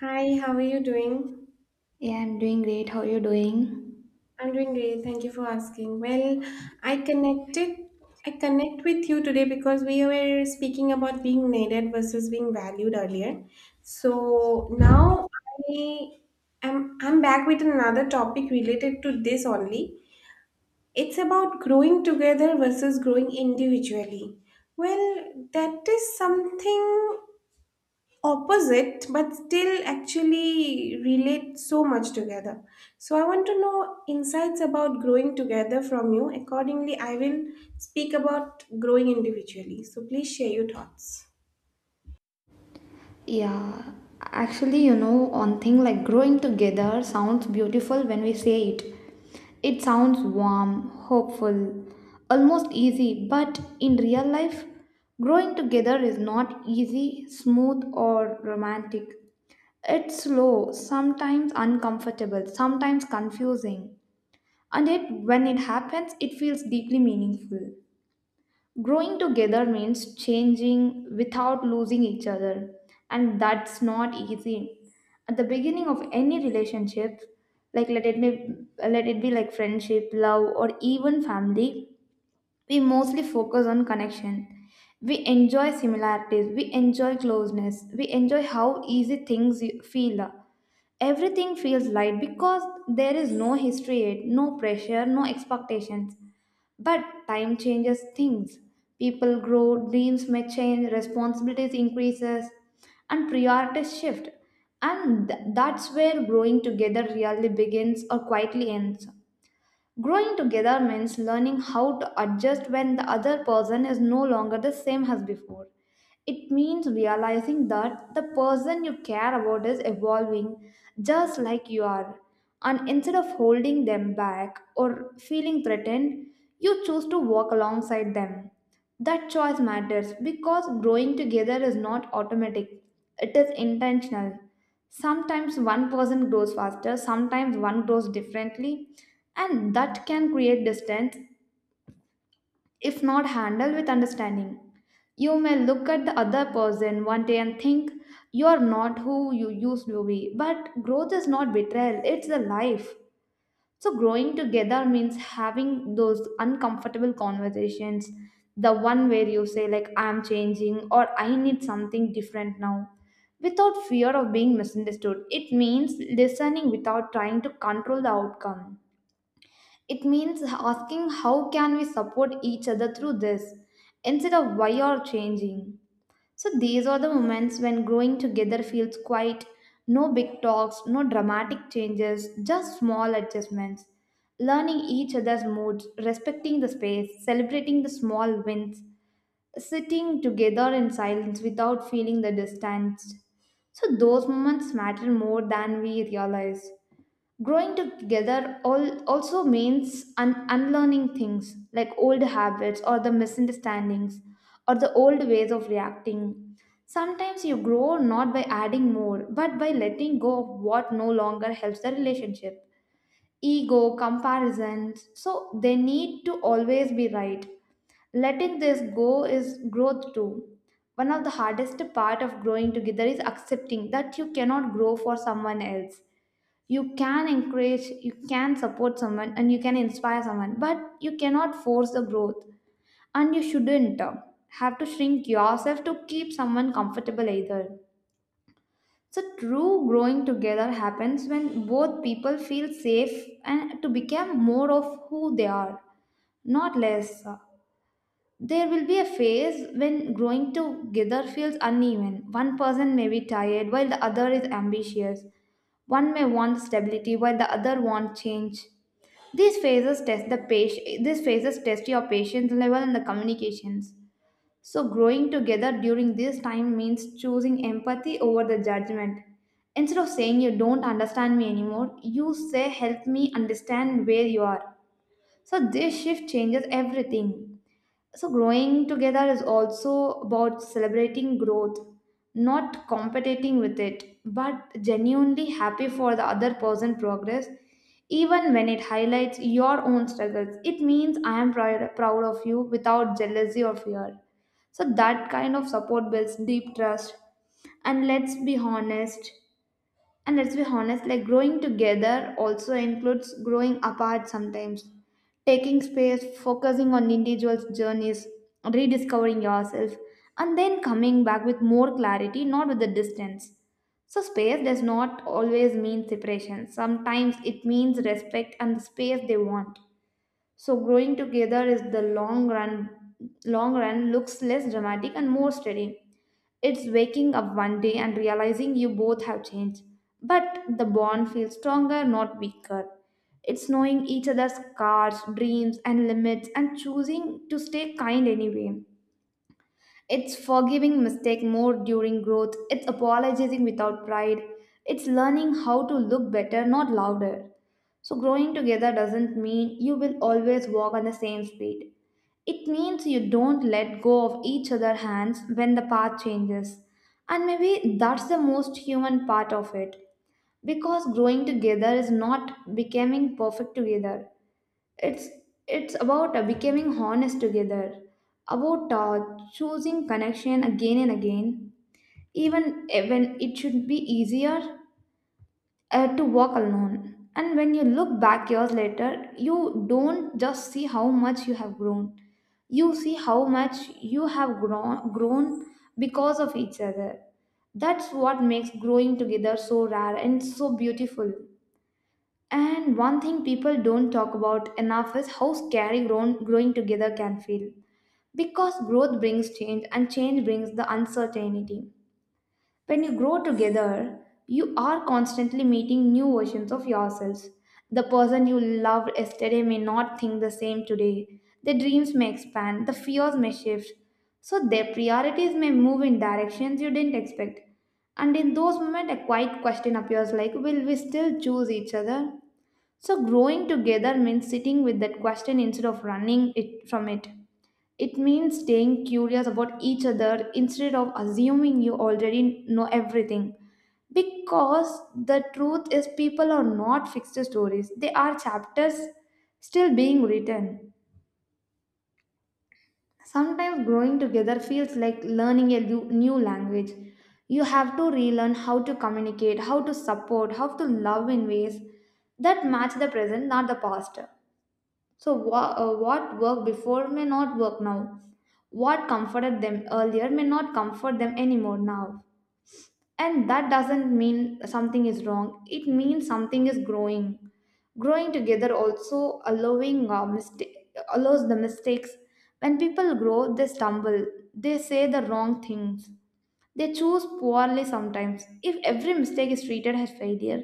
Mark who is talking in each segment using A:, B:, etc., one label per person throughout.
A: Hi, how are you doing?
B: Yeah, I'm doing great. How are you doing?
A: I'm doing great. Thank you for asking. Well, I connected I connect with you today because we were speaking about being needed versus being valued earlier. So now I I'm back with another topic related to this only. It's about growing together versus growing individually. Well, that is something opposite but still actually relate so much together, so I want to know insights about growing together from you. Accordingly, I will speak about growing individually, so please share your thoughts.
B: Yeah, actually, you know, on thing like growing together sounds beautiful when we say it. It sounds warm, hopeful, almost easy, but in real life, growing together is not easy, smooth, or romantic. It's slow, sometimes uncomfortable, sometimes confusing. And it when it happens, it feels deeply meaningful. Growing together means changing without losing each other, and that's not easy. At the beginning of any relationship, like let it be, let it be like friendship, love, or even family, we mostly focus on connection. We enjoy similarities, we enjoy closeness, we enjoy how easy things feel. Everything feels light because there is no history yet, no pressure, no expectations. But time changes things. People grow, dreams may change, responsibilities increases, and priorities shift. That's where growing together really begins or quietly ends. Growing together means learning how to adjust when the other person is no longer the same as before. It means realizing that the person you care about is evolving just like you are. And instead of holding them back or feeling threatened, you choose to walk alongside them. That choice matters because growing together is not automatic, it is intentional. Sometimes one person grows faster, sometimes one grows differently, and that can create distance if not handled with understanding. You may look at the other person one day and think you are not who you used to be, but growth is not betrayal, it's a life. So growing together means having those uncomfortable conversations, the one where you say like I'm changing or I need something different now, without fear of being misunderstood. It means listening without trying to control the outcome. It means asking how can we support each other through this instead of why you're changing. So these are the moments when growing together feels quiet, no big talks, no dramatic changes, just small adjustments. Learning each other's moods, respecting the space, celebrating the small wins, sitting together in silence without feeling the distance. So those moments matter more than we realize. Growing together all also means unlearning things like old habits or the misunderstandings or the old ways of reacting. Sometimes you grow not by adding more but by letting go of what no longer helps the relationship. Ego, comparisons, so they need to always be right. Letting this go is growth too. One of the hardest part of growing together is accepting that you cannot grow for someone else. You can encourage, you can support someone, and you can inspire someone, but you cannot force the growth, and you shouldn't have to shrink yourself to keep someone comfortable either. So true growing together happens when both people feel safe and to become more of who they are, not less. There will be a phase when growing together feels uneven. One person may be tired while the other is ambitious, one may want stability while the other wants change. These phases test the patient. These phases test your patience level and the communications. So growing together during this time means choosing empathy over the judgment. Instead of saying you don't understand me anymore, you say help me understand where you are. So this shift changes everything. So, growing together is also about celebrating growth, not competing with it, but genuinely happy for the other person's progress, even when it highlights your own struggles. It means I am proud, proud of you without jealousy or fear. So, that kind of support builds deep trust. And let's be honest. And let's be honest, like growing together also includes growing apart sometimes. Taking space, focusing on individuals' journeys, rediscovering yourself, and then coming back with more clarity, not with the distance. So, space does not always mean separation. Sometimes it means respect and the space they want. So, growing together is the long run looks less dramatic and more steady. It's waking up one day and realizing you both have changed, but the bond feels stronger, not weaker. It's knowing each other's scars, dreams, and limits, and choosing to stay kind anyway. It's forgiving mistake more during growth. It's apologizing without pride. It's learning how to look better, not louder. So, growing together doesn't mean you will always walk on the same speed. It means you don't let go of each other's hands when the path changes. And maybe that's the most human part of it. Because growing together is not becoming perfect together, it's it's about becoming honest together, about choosing connection again and again, even when it should be easier to walk alone. And when you look back years later, you don't just see how much you have grown, you see how much you have grown because of each other. That's what makes growing together so rare and so beautiful. And one thing people don't talk about enough is how scary growing together can feel. Because growth brings change and change brings the uncertainty. When you grow together, you are constantly meeting new versions of yourselves. The person you loved yesterday may not think the same today. Their dreams may expand, the fears may shift. So their priorities may move in directions you didn't expect. And in those moments, a quiet question appears like, will we still choose each other? So, growing together means sitting with that question instead of running it from it. It means staying curious about each other instead of assuming you already know everything. Because the truth is, people are not fixed stories, they are chapters still being written. Sometimes growing together feels like learning a new language. You have to relearn how to communicate, how to support, how to love in ways that match the present, not the past. So, what worked before may not work now. What comforted them earlier may not comfort them anymore now. And that doesn't mean something is wrong, it means something is growing. Growing together also allowing mistake, allows the mistakes. When people grow, they stumble, they say the wrong things, they choose poorly sometimes. If every mistake is treated as failure,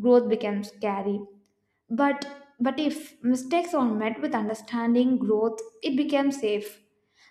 B: growth becomes scary. But but if mistakes are met with understanding, growth, it becomes safe.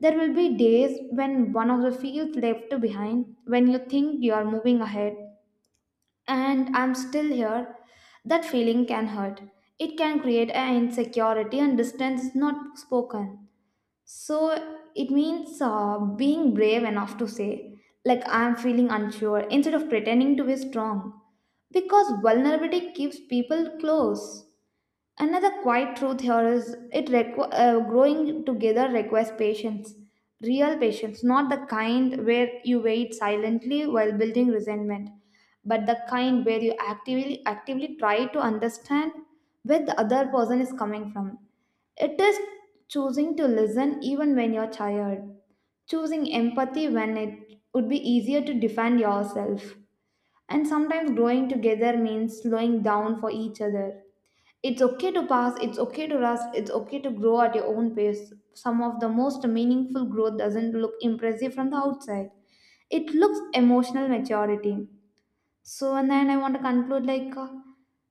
B: There will be days when one of the fields left behind, when you think you are moving ahead and I'm still here, that feeling can hurt. It can create an insecurity and distance is not spoken. So it means being brave enough to say, like I'm feeling unsure, instead of pretending to be strong. Because vulnerability keeps people close. Another quiet truth here is growing together requires patience, real patience, not the kind where you wait silently while building resentment, but the kind where you actively try to understand where the other person is coming from. It is choosing to listen even when you're tired, choosing empathy when it would be easier to defend yourself. And sometimes growing together means slowing down for each other. It's okay to pass, it's okay to rest, it's okay to grow at your own pace. Some of the most meaningful growth doesn't look impressive from the outside. It looks emotional maturity. So, and then I want to conclude like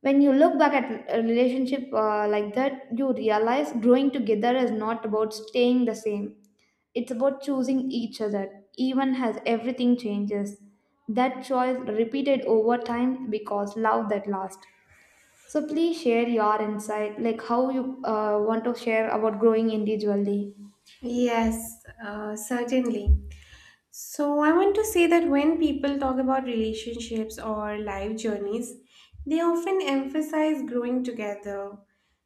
B: when you look back at a relationship like that, you realize growing together is not about staying the same. It's about choosing each other, even as everything changes. That choice repeated over time because love that lasts. So please share your insight, like how you want to share about growing individually.
A: Yes, certainly. So, I want to say that when people talk about relationships or life journeys, they often emphasize growing together,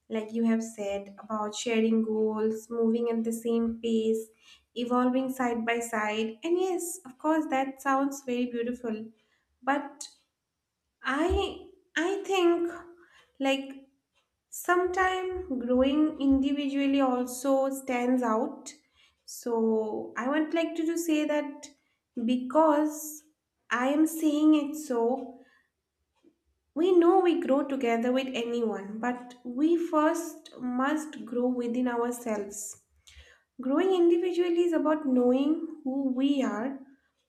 A: like you have said, about sharing goals, moving at the same pace, evolving side by side. And yes, of course, that sounds very beautiful. But I I think like sometime growing individually also stands out. So I would like to say that, because I am saying it, so we know we grow together with anyone, but we first must grow within ourselves. Growing individually is about knowing who we are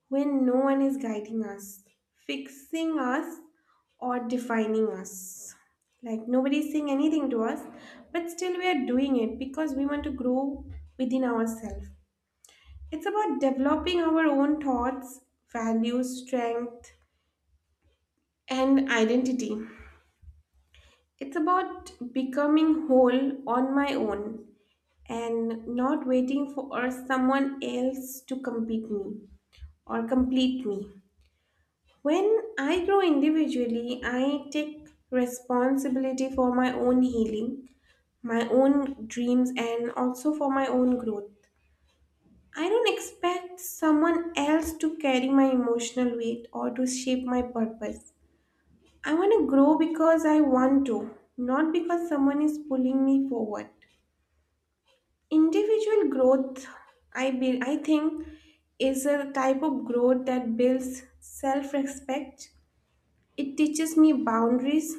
A: when no one is guiding us, fixing us, or defining us. Like nobody's saying anything to us, but still we are doing it because we want to grow within ourselves. It's about developing our own thoughts, values, strength, and identity. It's about becoming whole on my own and not waiting for someone else to complete me. Or complete me. When I grow individually, I take responsibility for my own healing, my own dreams, and also for my own growth. I don't expect someone else to carry my emotional weight or to shape my purpose. I want to grow because I want to, not because someone is pulling me forward. Individual growth, I think, is a type of growth that builds self respect. It teaches me boundaries.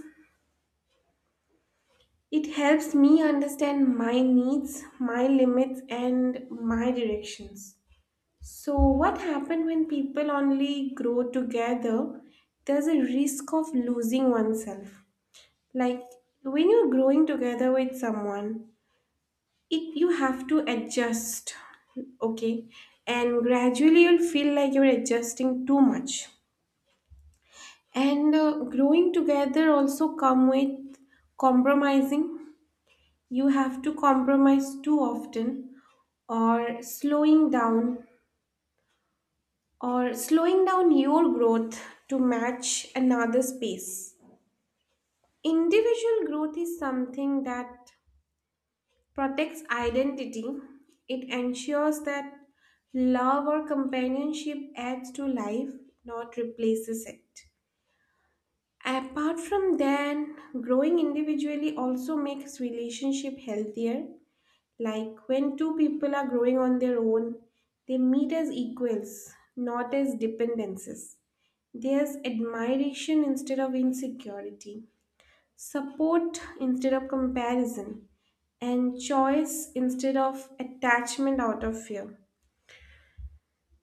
A: It helps me understand my needs, my limits, and my directions. So, what happens when people only grow together? There's a risk of losing oneself. Like when you're growing together with someone, it you have to adjust, okay, and gradually you'll feel like you're adjusting too much. And growing together also come with compromising. You have to compromise too often, or slowing down or slowing down your growth to match another space. Individual growth is something that protects identity. It ensures that love or companionship adds to life, not replaces it. Apart from that, growing individually also makes relationship healthier. Like when two people are growing on their own, they meet as equals, not as dependencies. There's admiration instead of insecurity, support instead of comparison, and choice instead of attachment out of fear.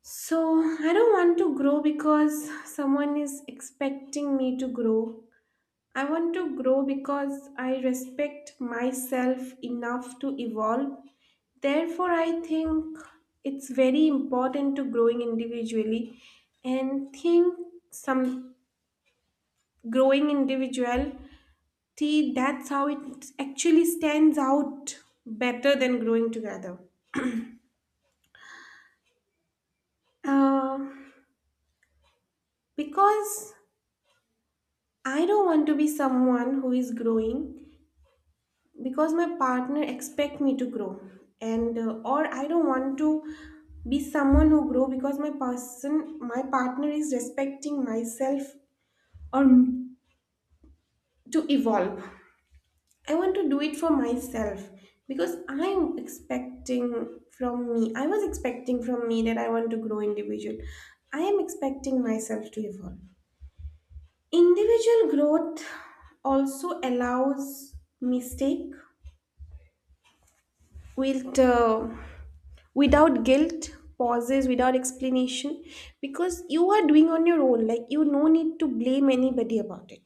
A: So, I don't want to grow because someone is expecting me to grow. I want to grow because I respect myself enough to evolve. Therefore, I think it's very important to growing individually and think some growing individuality, that's how it actually stands out better than growing together. Uh, because I don't want to be someone who is growing because my partner expect me to grow, and or I don't want to be someone who grow because my partner is respecting myself or m- to evolve. I want to do it for myself because I was expecting from me that I want to grow individual. I am expecting myself to evolve. Individual growth also allows mistake. Wilt, uh, without guilt, pauses, without explanation, because you are doing on your own. Like you, no need to blame anybody about it.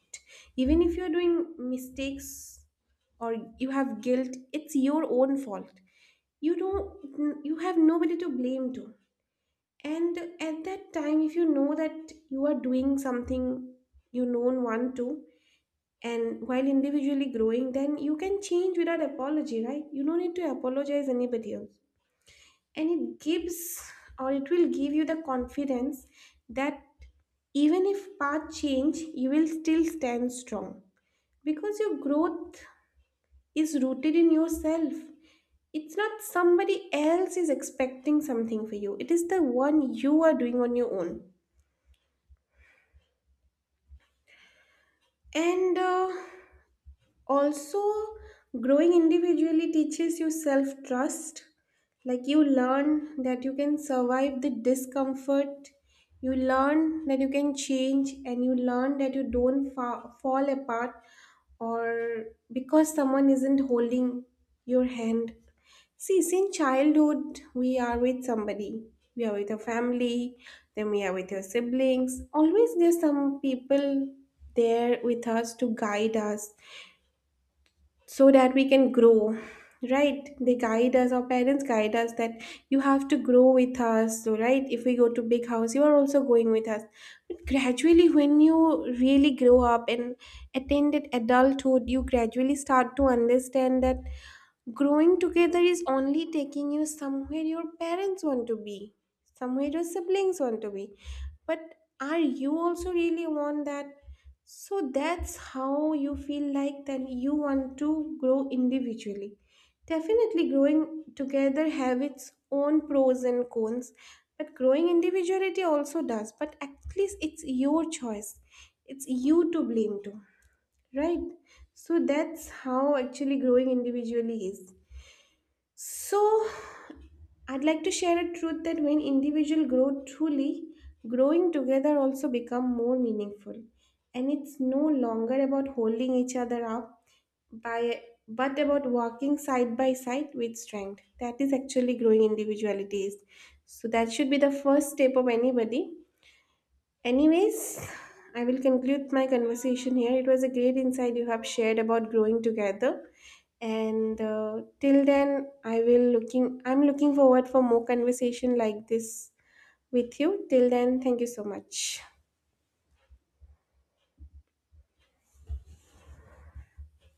A: Even if you are doing mistakes or you have guilt, it's your own fault. You don't. You have nobody to blame to. And at that time, if you know that you are doing something you don't want to, and while individually growing, then you can change without apology, right? You don't need to apologize anybody else. And it gives or it will give you the confidence that even if path change, you will still stand strong, because your growth is rooted in yourself. It's not somebody else is expecting something for you, it is the one you are doing on your own. And also, growing individually teaches you self trust. Like you learn that you can survive the discomfort, you learn that you can change, and you learn that you don't fall apart or because someone isn't holding your hand. See, since childhood we are with somebody, we are with a family, then we are with your siblings. Always there's some people there with us to guide us so that we can grow, right? They guide us, our parents guide us that you have to grow with us. So right, if we go to big house, you are also going with us. But gradually when you really grow up and attended adulthood, you gradually start to understand that growing together is only taking you somewhere your parents want to be, somewhere your siblings want to be. But are you also really want that? So that's how you feel like that you want to grow individually. Definitely growing together have its own pros and cons, but growing individuality also does. But at least it's your choice. It's you to blame to, right? So that's how actually growing individually is. So, I'd like to share a truth that when individuals grow truly, growing together also become more meaningful. And it's no longer about holding each other up by but about walking side by side with strength. That is actually growing individualities. So that should be the first step of anybody. Anyways, I will conclude my conversation here. It was a great insight you have shared about growing together. And till then, I will looking. I'm looking forward for more conversation like this with you. Till then, thank you so much.